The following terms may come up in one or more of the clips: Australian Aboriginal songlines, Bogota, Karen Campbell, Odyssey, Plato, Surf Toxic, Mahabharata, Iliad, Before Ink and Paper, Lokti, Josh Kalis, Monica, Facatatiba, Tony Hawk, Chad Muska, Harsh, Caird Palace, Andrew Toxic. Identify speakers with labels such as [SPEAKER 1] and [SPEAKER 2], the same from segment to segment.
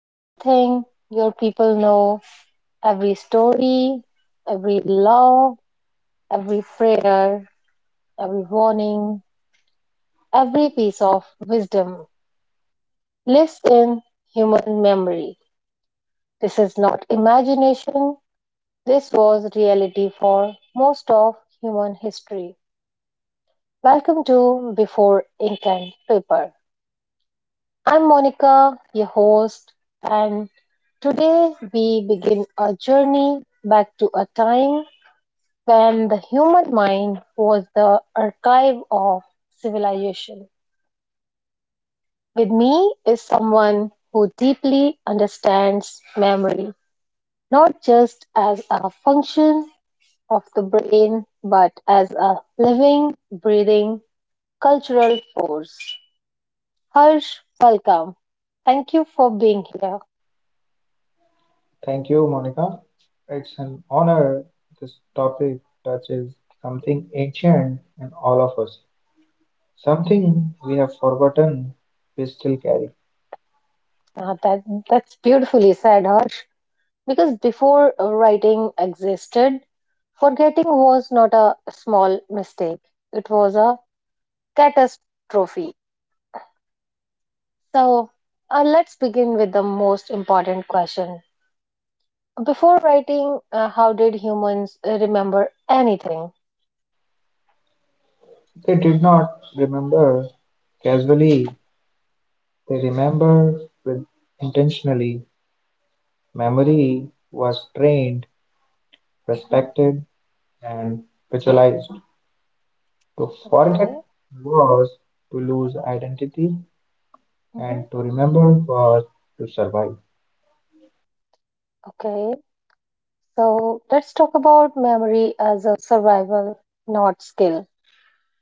[SPEAKER 1] Everything your people know, every story, every law, every prayer, every warning, every piece of wisdom lives in human memory. This is not imagination. This was reality for most of human history. Welcome to Before Ink and Paper. I'm Monica, your host, and today we begin a journey back to a time when the human mind was the archive of civilization. With me is someone who deeply understands memory, not just as a function of the brain, but as a living, breathing cultural force. Harsh, welcome. Thank you for being here.
[SPEAKER 2] Thank you, Monica. It's an honor. This topic touches something ancient in all of us, something we have forgotten we still carry.
[SPEAKER 1] Now that that's beautifully said, Harsh. Because before writing existed, forgetting was not a small mistake. It was a catastrophe. So let's begin with the most important question. Before writing, how did humans remember anything?
[SPEAKER 2] They did not remember casually, they remember with intentionally. Memory was trained,
[SPEAKER 1] Hmm.
[SPEAKER 2] respected, and visualized. To forget
[SPEAKER 1] Okay.
[SPEAKER 2] was to lose identity, and to remember was to survive.
[SPEAKER 1] Okay, so let's talk about memory as a survival, not skill.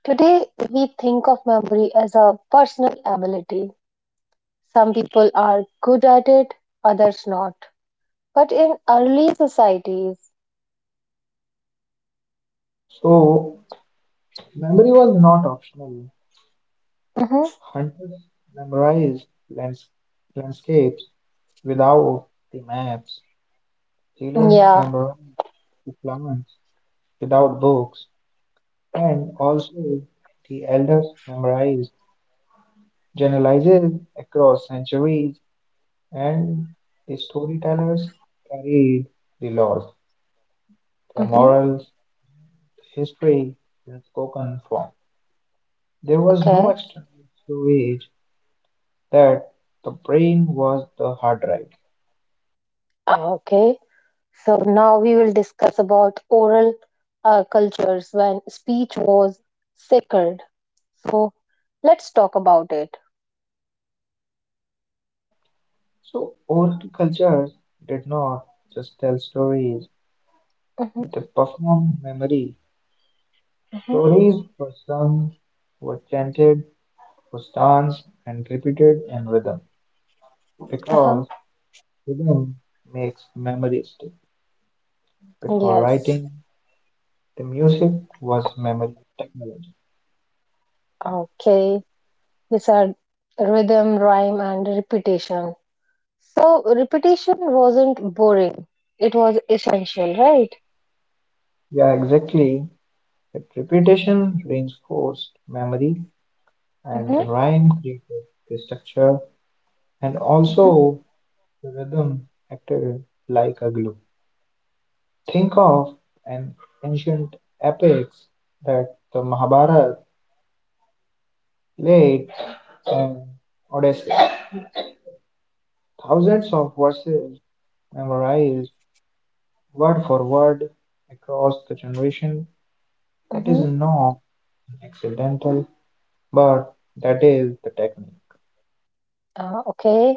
[SPEAKER 1] Today, we think of memory as a personal ability. Some people are good at it, others not. But in early societies,
[SPEAKER 2] So, memory was not optional.
[SPEAKER 1] mm-hmm,
[SPEAKER 2] Hunters memorized landscapes without the maps, sailors
[SPEAKER 1] yeah,
[SPEAKER 2] memorized the plants without books, and also the elders memorized generalizes across centuries, and the storytellers carried the laws, their
[SPEAKER 1] mm-hmm,
[SPEAKER 2] morals, history in spoken form. There was no
[SPEAKER 1] okay,
[SPEAKER 2] external storage that the brain was the hard drive.
[SPEAKER 1] okay. So now we will discuss about oral cultures when speech was sacred. So let's talk about it.
[SPEAKER 2] So oral culture did not just tell stories,
[SPEAKER 1] Mm-hmm.
[SPEAKER 2] they performed memory.
[SPEAKER 1] Mm-hmm.
[SPEAKER 2] Stories were sung, were chanted, were danced, and repeated in rhythm
[SPEAKER 1] Uh-huh.
[SPEAKER 2] because rhythm makes memory stick. Before
[SPEAKER 1] Yes.
[SPEAKER 2] writing, the music was memory technology.
[SPEAKER 1] Okay, these are rhythm, rhyme, and repetition. So, repetition wasn't boring, it was essential, right?
[SPEAKER 2] Yeah, exactly. If repetition reinforced memory and
[SPEAKER 1] Mm-hmm,
[SPEAKER 2] the rhyme created the structure and also the rhythm acted like a glue. Think of an ancient epics that the Mahabharata, Iliad and Odyssey. Thousands of verses memorized word for word across the generation. That is
[SPEAKER 1] mm-hmm.
[SPEAKER 2] not accidental, but that is the technique.
[SPEAKER 1] Okay,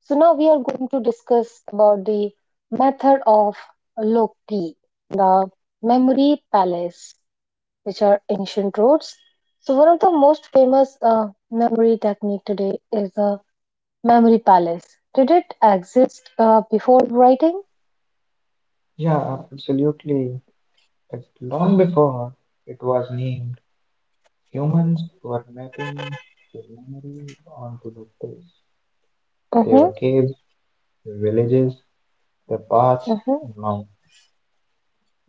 [SPEAKER 1] so now we are going to discuss about the method of Lokti, the memory palace, which are ancient roads. So, one of the most famous memory technique today is the memory palace. Did it exist before writing?
[SPEAKER 2] Yeah, absolutely. But long before it was named, humans were mapping their memory onto the place.
[SPEAKER 1] Mm-hmm.
[SPEAKER 2] Their caves, their villages, the path
[SPEAKER 1] Mm-hmm.
[SPEAKER 2] now.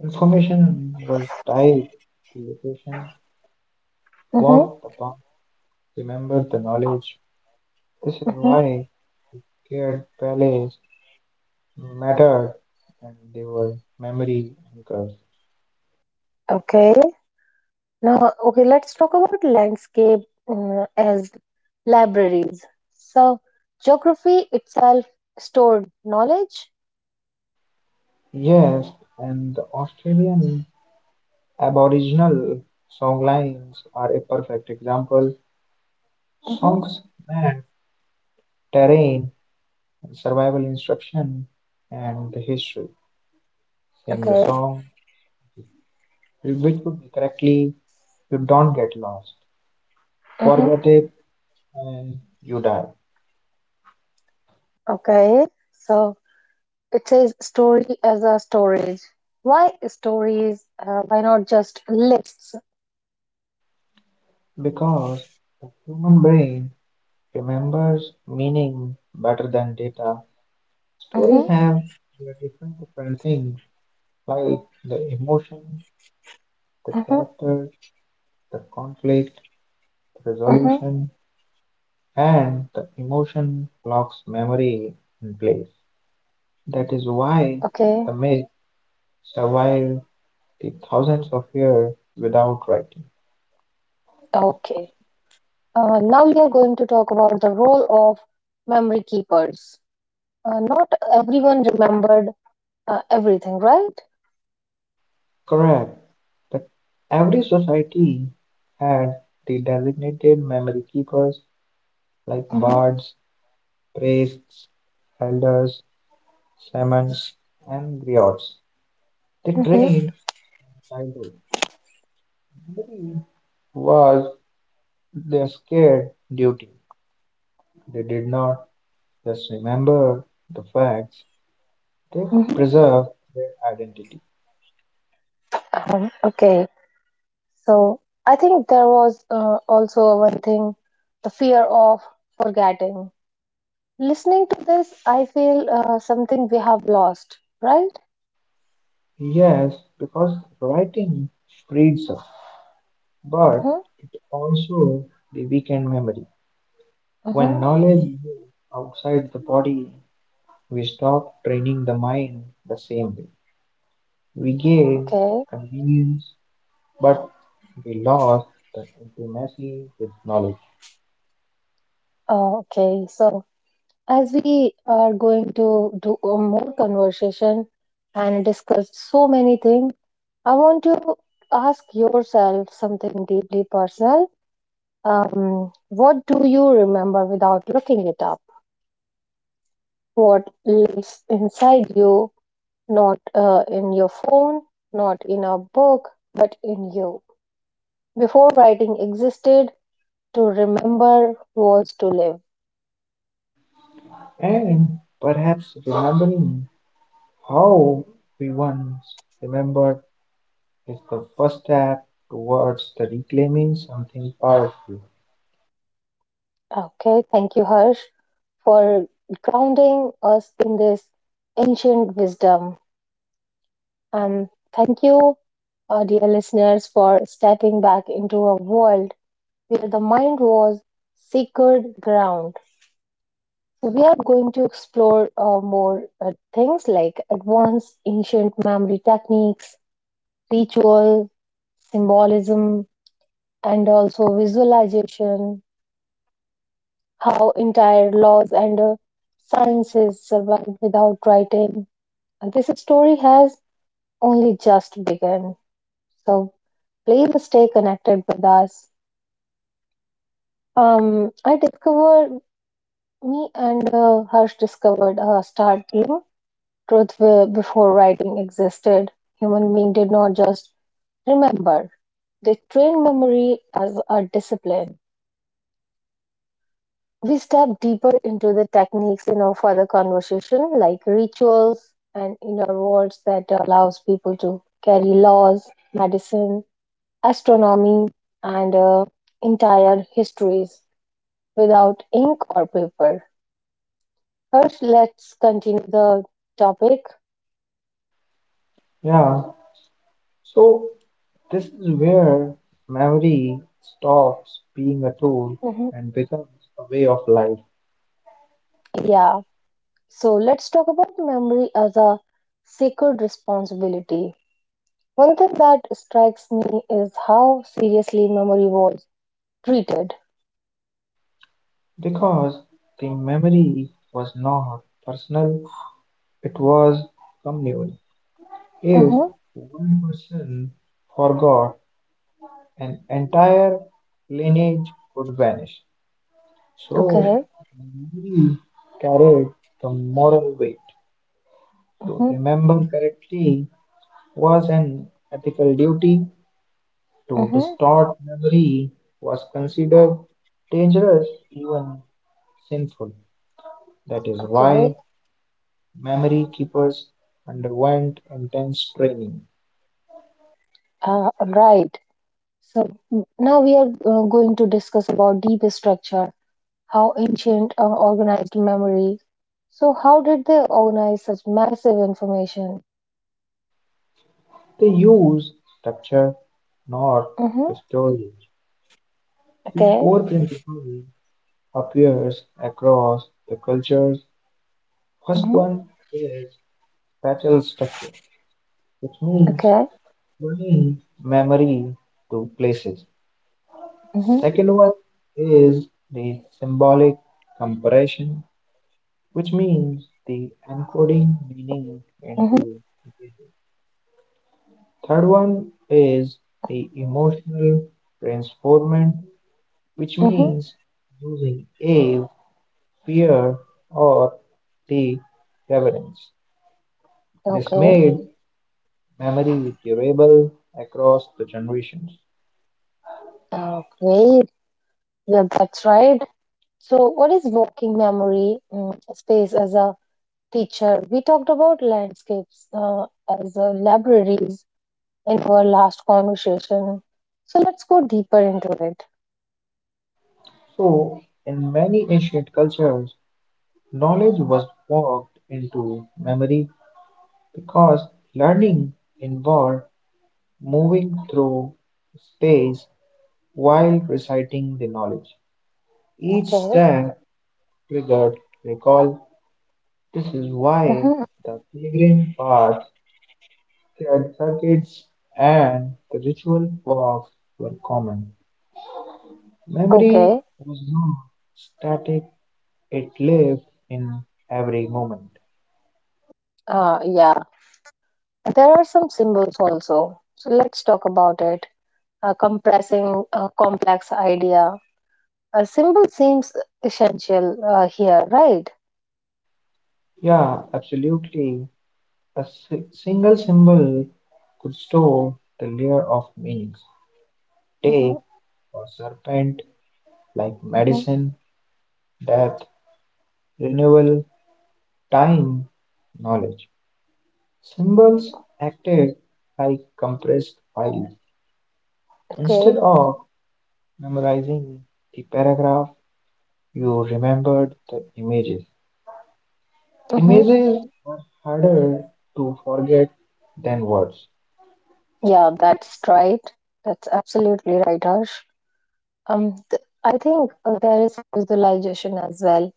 [SPEAKER 2] Information was tied to location.
[SPEAKER 1] Mhm,
[SPEAKER 2] Walk the path. Remember the knowledge. This is
[SPEAKER 1] mhm.
[SPEAKER 2] why Caird Palace mattered and they were memory anchors.
[SPEAKER 1] Okay. Now, okay, let's talk about landscape as libraries. So, geography itself stored knowledge.
[SPEAKER 2] Yes, and the Australian Aboriginal songlines are a perfect example.
[SPEAKER 1] Hmm.
[SPEAKER 2] Songs map terrain, survival instruction, and the history. Sing the
[SPEAKER 1] Okay.
[SPEAKER 2] song, which would be correctly. You don't get lost,
[SPEAKER 1] Hmm.
[SPEAKER 2] forget it, and you die.
[SPEAKER 1] Okay. So, it says story as a storage. Why stories? Why not just lists?
[SPEAKER 2] Because the human brain remembers meaning better than data. Stories
[SPEAKER 1] Hmm.
[SPEAKER 2] have their different different things like the emotion, the
[SPEAKER 1] Hmm.
[SPEAKER 2] character, the conflict, the
[SPEAKER 1] Hmm.
[SPEAKER 2] resolution, and the emotion locks memory in place. That is why
[SPEAKER 1] Okay.
[SPEAKER 2] the myth survived the thousands of years without writing.
[SPEAKER 1] Okay. Now we are going to talk about the role of memory keepers. Not everyone remembered everything, right?
[SPEAKER 2] Correct, but every society had the designated memory keepers like
[SPEAKER 1] Mm-hmm,
[SPEAKER 2] bards, priests, elders, shamans, and griots. They
[SPEAKER 1] mm-hmm,
[SPEAKER 2] trained childhood. Memory was their scared duty. They did not just remember the facts, they
[SPEAKER 1] mm-hmm.
[SPEAKER 2] preserved their identity.
[SPEAKER 1] Okay. So I think there was also one thing, the fear of forgetting. Listening to this, I feel something we have lost, right?
[SPEAKER 2] Yes, because writing frees us, but
[SPEAKER 1] Mm-hmm,
[SPEAKER 2] it also the weekend memory.
[SPEAKER 1] mm-hmm.
[SPEAKER 2] When knowledge moves outside the body, we stop training the mind the same way. We gain
[SPEAKER 1] Okay.
[SPEAKER 2] convenience, but we lost the intimacy with knowledge.
[SPEAKER 1] Okay. So as we are going to do a more conversation and discuss so many things, I want to ask yourself something deeply personal. What do you remember without looking it up? What lives inside you, not in your phone, not in a book, but in you? Before writing existed, to remember was to live.
[SPEAKER 2] And perhaps remembering how we once remembered is the first step towards the reclaiming something powerful.
[SPEAKER 1] Okay, thank you, Harsh, for grounding us in this ancient wisdom. And thank you, dear listeners, for stepping back into a world where the mind was sacred ground. So we are going to explore more things like advanced ancient memory techniques, ritual, symbolism, and also visualization, how entire laws and sciences survive without writing. And this story has only just begun. So please stay connected with us. I discovered, me and Harsh discovered a startling truth. Will, before writing existed, human beings did not just remember. They trained memory as a discipline. We step deeper into the techniques in our further conversation, like rituals and inner worlds that allows people to carry laws, medicine, astronomy, and entire histories without ink or paper. First, let's continue the topic.
[SPEAKER 2] Yeah, so this is where memory stops being a tool
[SPEAKER 1] Mhm.
[SPEAKER 2] and becomes a way of life.
[SPEAKER 1] Yeah. So let's talk about memory as a sacred responsibility. One thing that strikes me is how seriously memory was treated.
[SPEAKER 2] Because the memory was not personal, it was communal. If
[SPEAKER 1] Mm-hmm.
[SPEAKER 2] one person forgot, an entire lineage would vanish. So,
[SPEAKER 1] Okay.
[SPEAKER 2] memory carried the moral weight. To
[SPEAKER 1] Mm-hmm.
[SPEAKER 2] remember correctly was an ethical duty. To
[SPEAKER 1] Mm-hmm.
[SPEAKER 2] distort memory was considered dangerous, even sinful. That is why
[SPEAKER 1] Okay.
[SPEAKER 2] memory keepers underwent intense training.
[SPEAKER 1] Right. So now we are going to discuss about deep structure, how ancient organized memory. So how did they organize such massive information?
[SPEAKER 2] They used structure, not
[SPEAKER 1] Mm-hmm.
[SPEAKER 2] the storage. The
[SPEAKER 1] Okay.
[SPEAKER 2] core principle appears across the cultures. First
[SPEAKER 1] Mm-hmm.
[SPEAKER 2] one is spatial structure, which means
[SPEAKER 1] Okay.
[SPEAKER 2] tying memory to places.
[SPEAKER 1] Mm-hmm.
[SPEAKER 2] Second one is the symbolic comparison, which means the encoding meaning
[SPEAKER 1] Mm-hmm.
[SPEAKER 2] into images. Third one is the emotional transformant, which
[SPEAKER 1] Mm-hmm.
[SPEAKER 2] means using awe, fear, or the reverence. This
[SPEAKER 1] Okay.
[SPEAKER 2] made memory durable across the generations.
[SPEAKER 1] Okay, yeah, that's right. So, what is working memory space as a teacher? We talked about landscapes as libraries in our last conversation. So, let's go deeper into it.
[SPEAKER 2] So, in many ancient cultures, knowledge was walked into memory because learning involved moving through space while reciting the knowledge. Each
[SPEAKER 1] Okay.
[SPEAKER 2] step triggered recall. This is why
[SPEAKER 1] Hmm.
[SPEAKER 2] the pilgrim paths, sacred circuits, and the ritual walks were common. Memory
[SPEAKER 1] Okay.
[SPEAKER 2] was not static, it lived in every moment.
[SPEAKER 1] Yeah. There are some symbols also. So, let's talk about it. Compressing a complex idea. A symbol seems essential here, right?
[SPEAKER 2] Yeah, absolutely. A single symbol could store the layer of meanings. Take
[SPEAKER 1] Mm-hmm.
[SPEAKER 2] or serpent like
[SPEAKER 1] Mm-hmm.
[SPEAKER 2] medicine, death, renewal, time, knowledge. Symbols acted like compressed files; instead
[SPEAKER 1] Okay.
[SPEAKER 2] of memorizing the paragraph, you remembered the images.
[SPEAKER 1] Mhm.
[SPEAKER 2] Images are harder to forget than words.
[SPEAKER 1] Yeah, that's right. That's absolutely right, Harsh. I think there is visualization as well,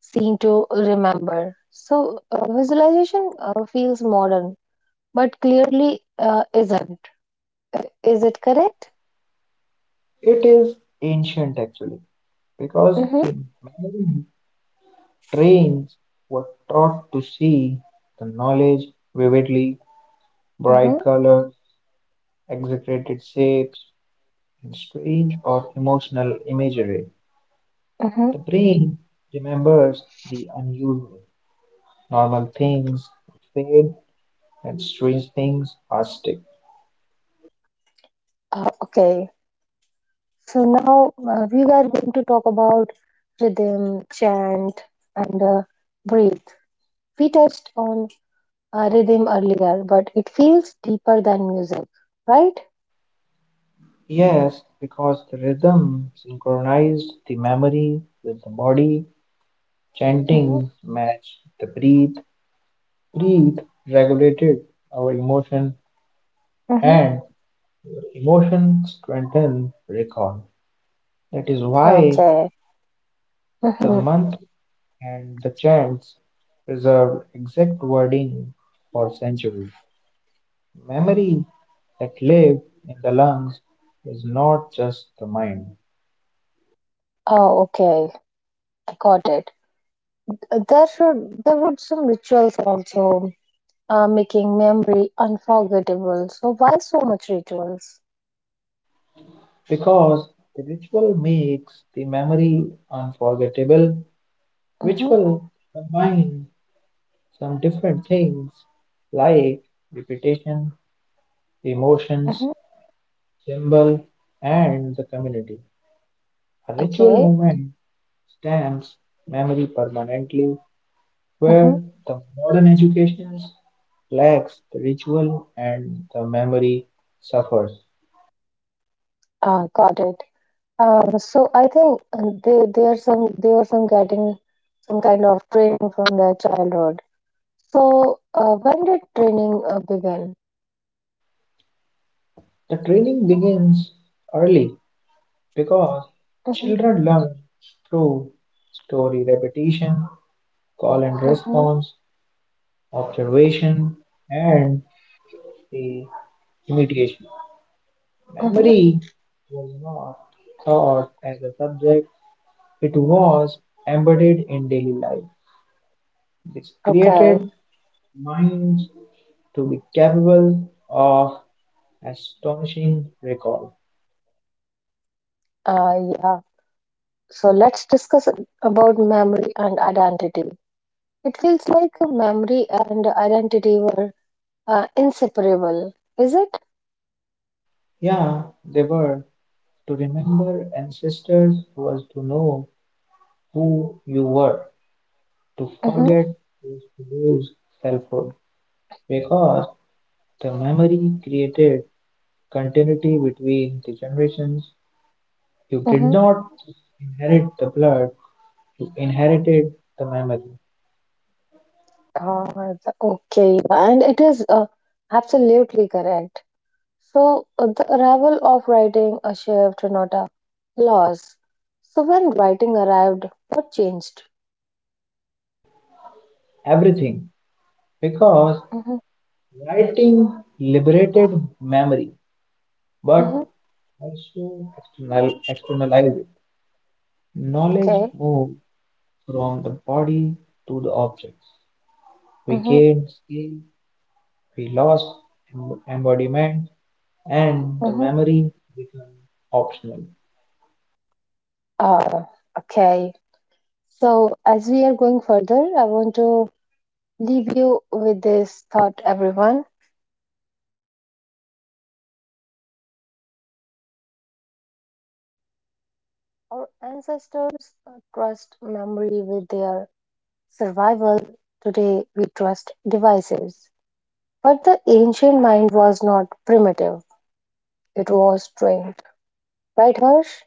[SPEAKER 1] seen to remember. So, visualization feels modern, but clearly isn't. Is it correct?
[SPEAKER 2] It is ancient actually, because
[SPEAKER 1] Mm-hmm,
[SPEAKER 2] the memory trains were taught to see the knowledge vividly,
[SPEAKER 1] mm-hmm,
[SPEAKER 2] bright colors, exaggerated shapes, and strange or emotional imagery.
[SPEAKER 1] mm-hmm.
[SPEAKER 2] The brain remembers the unusual. Normal things fade and strange things are stick.
[SPEAKER 1] Okay. So, now we are going to talk about rhythm, chant, and breathe. We touched on rhythm earlier, but it feels deeper than music, right?
[SPEAKER 2] Yes, because the rhythm synchronized the memory with the body.
[SPEAKER 1] Mm-hmm,
[SPEAKER 2] Chanting matched the breathe. Breathe regulated our emotion
[SPEAKER 1] mm-hmm.
[SPEAKER 2] and emotion strengthened recall. That is why
[SPEAKER 1] Okay.
[SPEAKER 2] the
[SPEAKER 1] Mm-hmm.
[SPEAKER 2] mantra and the chants preserved exact wording for centuries. Memory that live in the lungs is not just the mind,
[SPEAKER 1] Oh, okay. I got it. There would some rituals also, making memory unforgettable. So why so much rituals?
[SPEAKER 2] because the ritual makes the memory unforgettable.
[SPEAKER 1] Mm-hmm,
[SPEAKER 2] Ritual combine some different things like repetition, emotions,
[SPEAKER 1] mm-hmm.
[SPEAKER 2] symbol, and the community. A ritual
[SPEAKER 1] Okay.
[SPEAKER 2] movement stamps memory permanently
[SPEAKER 1] Mm-hmm.
[SPEAKER 2] where the modern education lacks the ritual and the memory suffers.
[SPEAKER 1] Got it. So I think they are some they were some getting some kind of training from their childhood. So when did training begin?
[SPEAKER 2] The training begins early because
[SPEAKER 1] Mm-hmm,
[SPEAKER 2] children learn through story repetition, call and
[SPEAKER 1] mm-hmm,
[SPEAKER 2] response, observation, and the imitation.
[SPEAKER 1] mm-hmm.
[SPEAKER 2] Memory was not taught as a subject, it was embedded in daily life. This
[SPEAKER 1] Okay.
[SPEAKER 2] created minds to be capable of astonishing recall.
[SPEAKER 1] Yeah. So let's discuss about memory and identity. It feels like memory and identity were inseparable, is it?
[SPEAKER 2] Yeah, they were. To remember ancestors was to know who you were. To
[SPEAKER 1] Mm-hmm.
[SPEAKER 2] forget was to lose selfhood. Because the memory created continuity between the generations. You did
[SPEAKER 1] Mm-hmm.
[SPEAKER 2] not inherit the blood, you inherited the memory.
[SPEAKER 1] Uh, okay, and it is absolutely correct. So the arrival of writing a shift, not a loss. So when writing arrived, what changed?
[SPEAKER 2] Everything. Because
[SPEAKER 1] Mm-hmm.
[SPEAKER 2] writing liberated memory,
[SPEAKER 1] Mm-hmm.
[SPEAKER 2] but also externalize it. Knowledge
[SPEAKER 1] Okay.
[SPEAKER 2] moved from the body to the objects. We
[SPEAKER 1] Mm-hmm.
[SPEAKER 2] gained scale, we lost embodiment, and the
[SPEAKER 1] Mm-hmm.
[SPEAKER 2] memory became optional.
[SPEAKER 1] Uh, okay. So as we are going further, I want to leave you with this thought, everyone. Our ancestors trust memory with their survival. Today, we trust devices. But the ancient mind was not primitive, it was trained. Right, Harsh?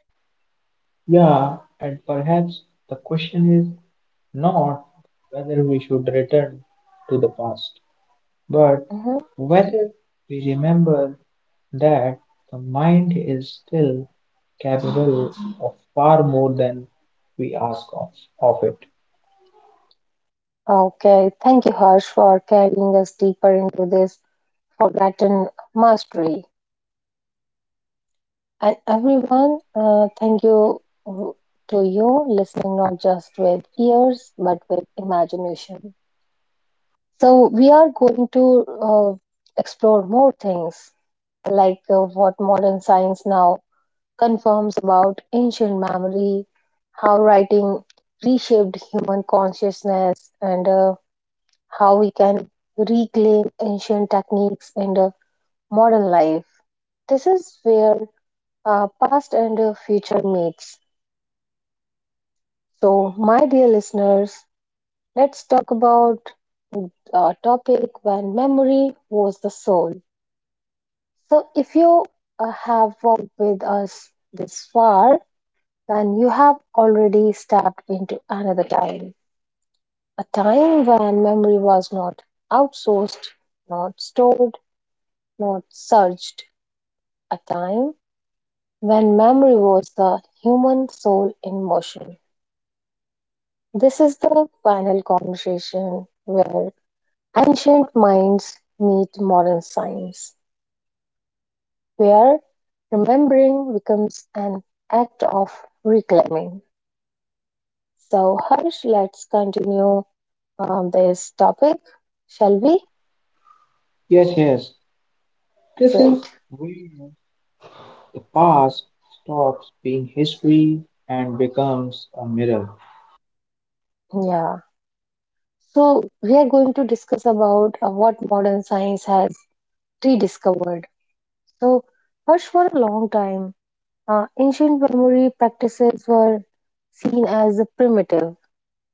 [SPEAKER 2] Yeah, and perhaps the question is not whether we should return to the past, but
[SPEAKER 1] Hmm.
[SPEAKER 2] whether we remember that the mind is still capable of far more than we of it.
[SPEAKER 1] Okay, thank you, Harsh, for carrying us deeper into this forgotten mastery. And everyone, thank you uh, to you listening not just with ears but with imagination. So we are going to explore more things like what modern science now confirms about ancient memory, how writing reshaped human consciousness, and how we can reclaim ancient techniques in modern life. This is where past and future meets. So, my dear listeners, let's talk about a topic when memory was the soul. So, if you have walked with us this far, then you have already stepped into another time, a time when memory was not outsourced, not stored, not searched, a time when memory was the human soul in motion. This is the final conversation where ancient minds meet modern science, where remembering becomes an act of reclaiming. So, Harsh, let's continue this topic, shall we?
[SPEAKER 2] Yes, yes. This is
[SPEAKER 1] Great.
[SPEAKER 2] where the past stops being history and becomes a mirror.
[SPEAKER 1] Yeah. So, we are going to discuss about what modern science has rediscovered. So, Harsh, for a long time, ancient memory practices were seen as primitive,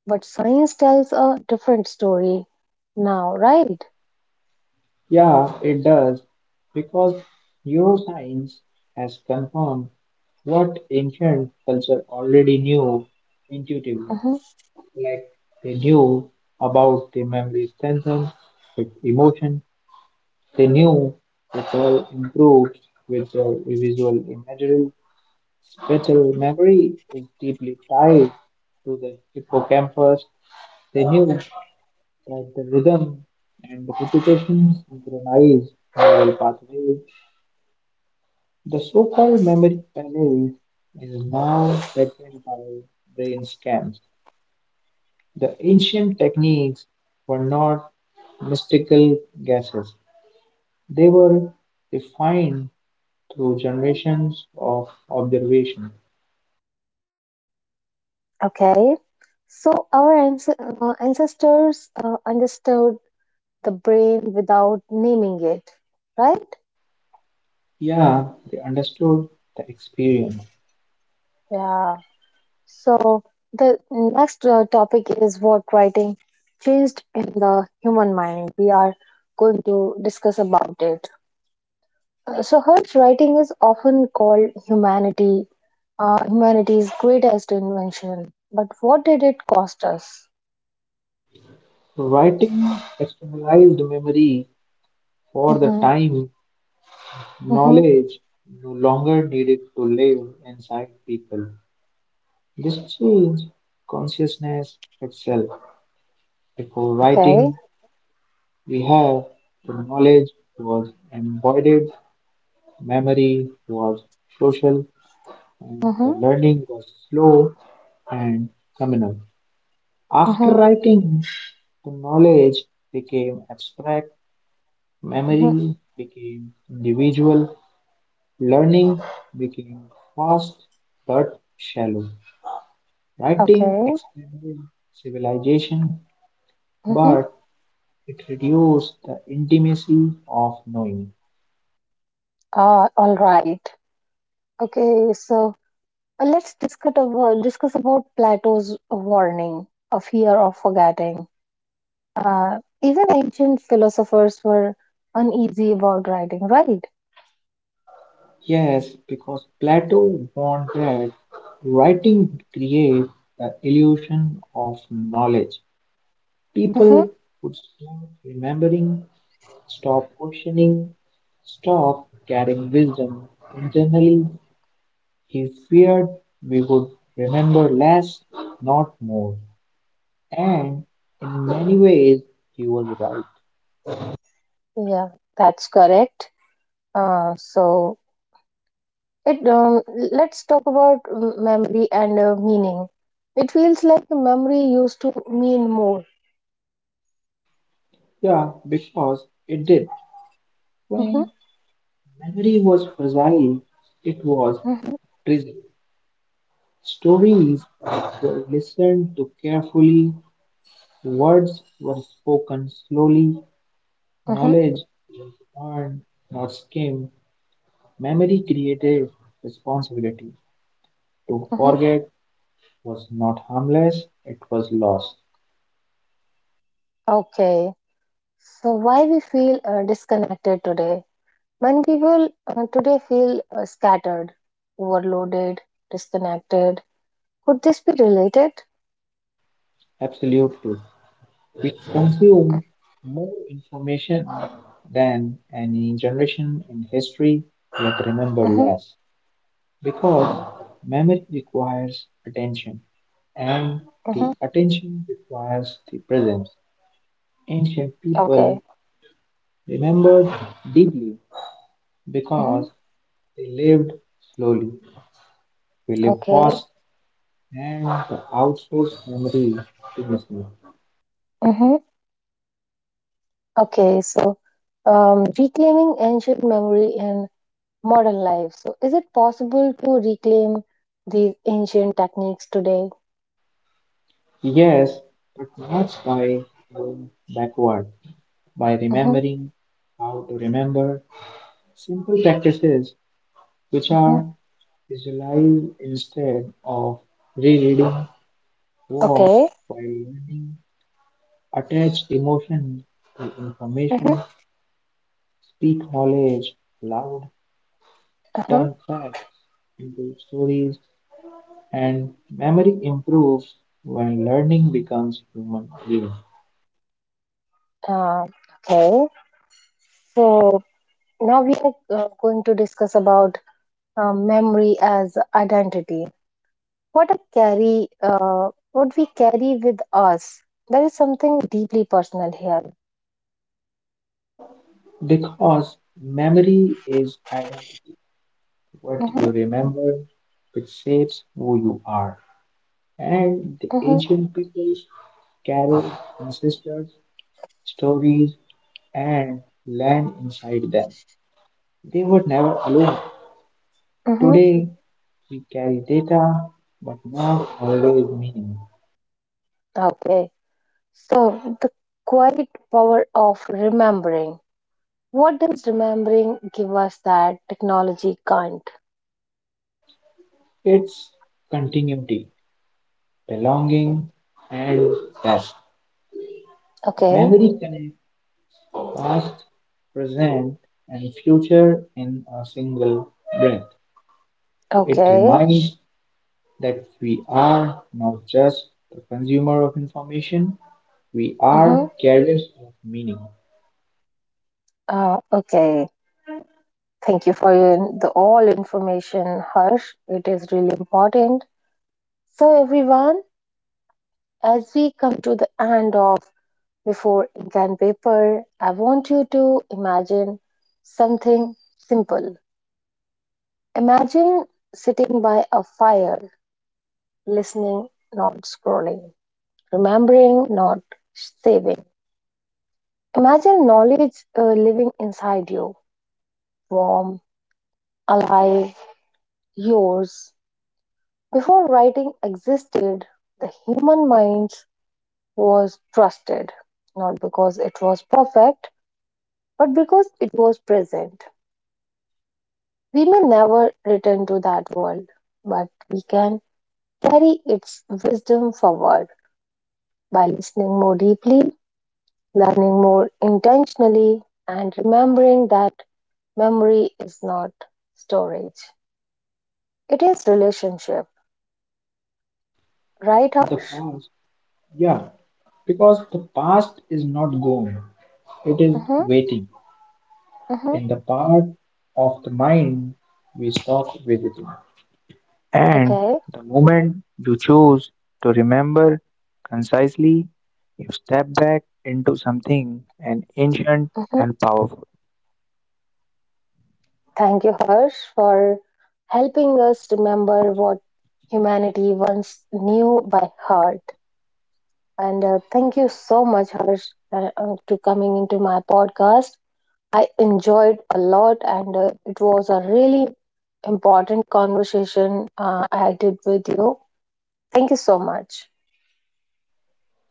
[SPEAKER 1] but science tells a different story now, right?
[SPEAKER 2] Yeah, it does, because neuroscience has confirmed what ancient culture already knew intuitively.
[SPEAKER 1] Mhm.
[SPEAKER 2] Like they knew about the memory strengthens with emotion. They knew recall improves with the visual imagery. Spatial memory is deeply tied to the hippocampus. They knew that the rhythm and the repetition synchronize neural pathways. The so-called memory palace is now frequent by brain scans. The ancient techniques were not mystical guesses; they were refined through generations of observation.
[SPEAKER 1] Okay. So, our ancestors understood the brain without naming it, right?
[SPEAKER 2] Yeah, they understood the experience.
[SPEAKER 1] Yeah. So, the next topic is what writing changed in the human mind. We are going to discuss about it. So, Hertz writing is often called humanity's greatest invention. But what did it cost us?
[SPEAKER 2] Writing externalized memory for the
[SPEAKER 1] Mm-hmm.
[SPEAKER 2] time
[SPEAKER 1] Mm-hmm.
[SPEAKER 2] knowledge no longer needed to live inside people. This changed consciousness itself. Before
[SPEAKER 1] Okay.
[SPEAKER 2] writing, we have the knowledge was embodied memory was social, and the
[SPEAKER 1] Mm-hmm.
[SPEAKER 2] learning was slow and communal. After
[SPEAKER 1] Mm-hmm.
[SPEAKER 2] writing, the knowledge became abstract,
[SPEAKER 1] Mm-hmm.
[SPEAKER 2] memory became individual, learning became fast but shallow. Writing
[SPEAKER 1] Okay.
[SPEAKER 2] expanded civilization,
[SPEAKER 1] Mm-hmm.
[SPEAKER 2] but it reduced the intimacy of knowing.
[SPEAKER 1] Ah, all right. Okay. So let's discuss about Plato's warning of fear of forgetting. Even ancient philosophers were uneasy about writing, right?
[SPEAKER 2] Yes, because Plato warned that writing creates the illusion of knowledge.
[SPEAKER 1] Hmm.
[SPEAKER 2] People would stop remembering, stop questioning, stop carrying wisdom. Internally, he feared we would remember less, not more. And in many ways, he was right.
[SPEAKER 1] Yeah, that's correct. So it Let's talk about memory and meaning. It feels like the memory used to mean more.
[SPEAKER 2] Yeah, because it did.
[SPEAKER 1] Hmm.
[SPEAKER 2] When memory was fragile, it was
[SPEAKER 1] Hmm.
[SPEAKER 2] prison. Stories were listened to carefully, words were spoken slowly,
[SPEAKER 1] Hmm.
[SPEAKER 2] knowledge earned, not skimmed, memory created, responsibility. To
[SPEAKER 1] Hmm.
[SPEAKER 2] forget was not harmless, it was lost.
[SPEAKER 1] Okay. So why we feel disconnected today? Many people today feel scattered, overloaded, disconnected. Could this be related?
[SPEAKER 2] Absolute truth. We consume more information than any generation in history, yet remember
[SPEAKER 1] Mm-hmm,
[SPEAKER 2] less. Because memory requires attention, and
[SPEAKER 1] mm-hmm.
[SPEAKER 2] the attention requires the presence. Ancient people
[SPEAKER 1] Okay.
[SPEAKER 2] remembered deeply
[SPEAKER 1] Mm-hmm,
[SPEAKER 2] because they lived slowly. We live
[SPEAKER 1] okay.
[SPEAKER 2] fast, and the outsource memory to machine.
[SPEAKER 1] Mm-hmm. Okay. So, reclaiming ancient memory in modern life. So, is it possible to reclaim these ancient techniques today?
[SPEAKER 2] Yes, but not by going backward, by
[SPEAKER 1] Mm-hmm,
[SPEAKER 2] remembering how to remember simple practices which
[SPEAKER 1] mm-hmm.
[SPEAKER 2] are alive instead of rereading. Reading
[SPEAKER 1] Okay.
[SPEAKER 2] works while learning attach emotion to
[SPEAKER 1] Mm-hmm,
[SPEAKER 2] information, speak knowledge loud.
[SPEAKER 1] uh-huh.
[SPEAKER 2] Turn facts into stories, and memory improves when learning becomes human again.
[SPEAKER 1] Uh, okay. So, now we are going to discuss about memory as identity. What a carry, what we carry with us, there is something deeply personal here.
[SPEAKER 2] Because memory is identity. What you
[SPEAKER 1] Mm-hmm,
[SPEAKER 2] remember, it shapes who you are. And the
[SPEAKER 1] mm-hmm,
[SPEAKER 2] ancient peoples carried ancestors stories, and land inside them. They were never alone.
[SPEAKER 1] mm-hmm.
[SPEAKER 2] Today, we carry data, but not always meaning.
[SPEAKER 1] Okay. So the quiet power of remembering, what does remembering give us that technology can't?
[SPEAKER 2] It's continuity, belonging, and rest.
[SPEAKER 1] Okay.
[SPEAKER 2] Memory connects past, present, and future in a single breath. It
[SPEAKER 1] Okay.
[SPEAKER 2] reminds that we are not just the consumer of information, we
[SPEAKER 1] Mm-hmm,
[SPEAKER 2] are carriers of meaning.
[SPEAKER 1] okay, thank you for the all information, Harsh. It is really important. So everyone, as we come to the end of Before Ink and Paper, I want you to imagine something simple. Imagine sitting by a fire, listening, not scrolling, remembering, not saving. Imagine knowledge living inside you, warm, alive, yours. Before writing existed, the human mind was trusted, not because it was perfect, but because it was present. We may never return to that world, but we can carry its wisdom forward by listening more deeply, learning more intentionally, and remembering that memory is not storage. It is relationship, right,
[SPEAKER 2] The
[SPEAKER 1] Harsh?
[SPEAKER 2] past. Yeah, because the past is not gone, it is
[SPEAKER 1] Mm-hmm,
[SPEAKER 2] waiting in
[SPEAKER 1] mm-hmm.
[SPEAKER 2] the part of the mind we stop visiting. And
[SPEAKER 1] Okay.
[SPEAKER 2] the moment you choose to remember concisely, you step back into something an ancient
[SPEAKER 1] Mm-hmm.
[SPEAKER 2] and powerful.
[SPEAKER 1] Thank you, Harsh, for helping us remember what humanity once knew by heart. And thank you so much, Harsh, to coming into my podcast. I enjoyed a lot, and it was a really important conversation I did with you. Thank you so much,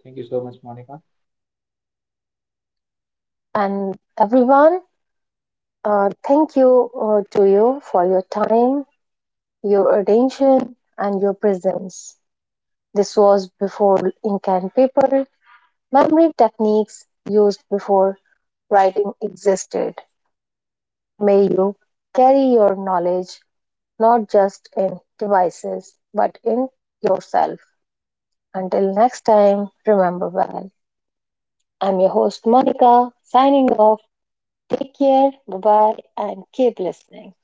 [SPEAKER 2] Thank you so much, Monica.
[SPEAKER 1] and everyone, thank you to you for your time, your attention, and your presence. This was Before Ink and Paper, memory techniques used before writing existed. May you carry your knowledge not just in devices but in yourself. Until next time, remember well. I'm your host, Monica, signing off. Take care, bye bye, and keep listening.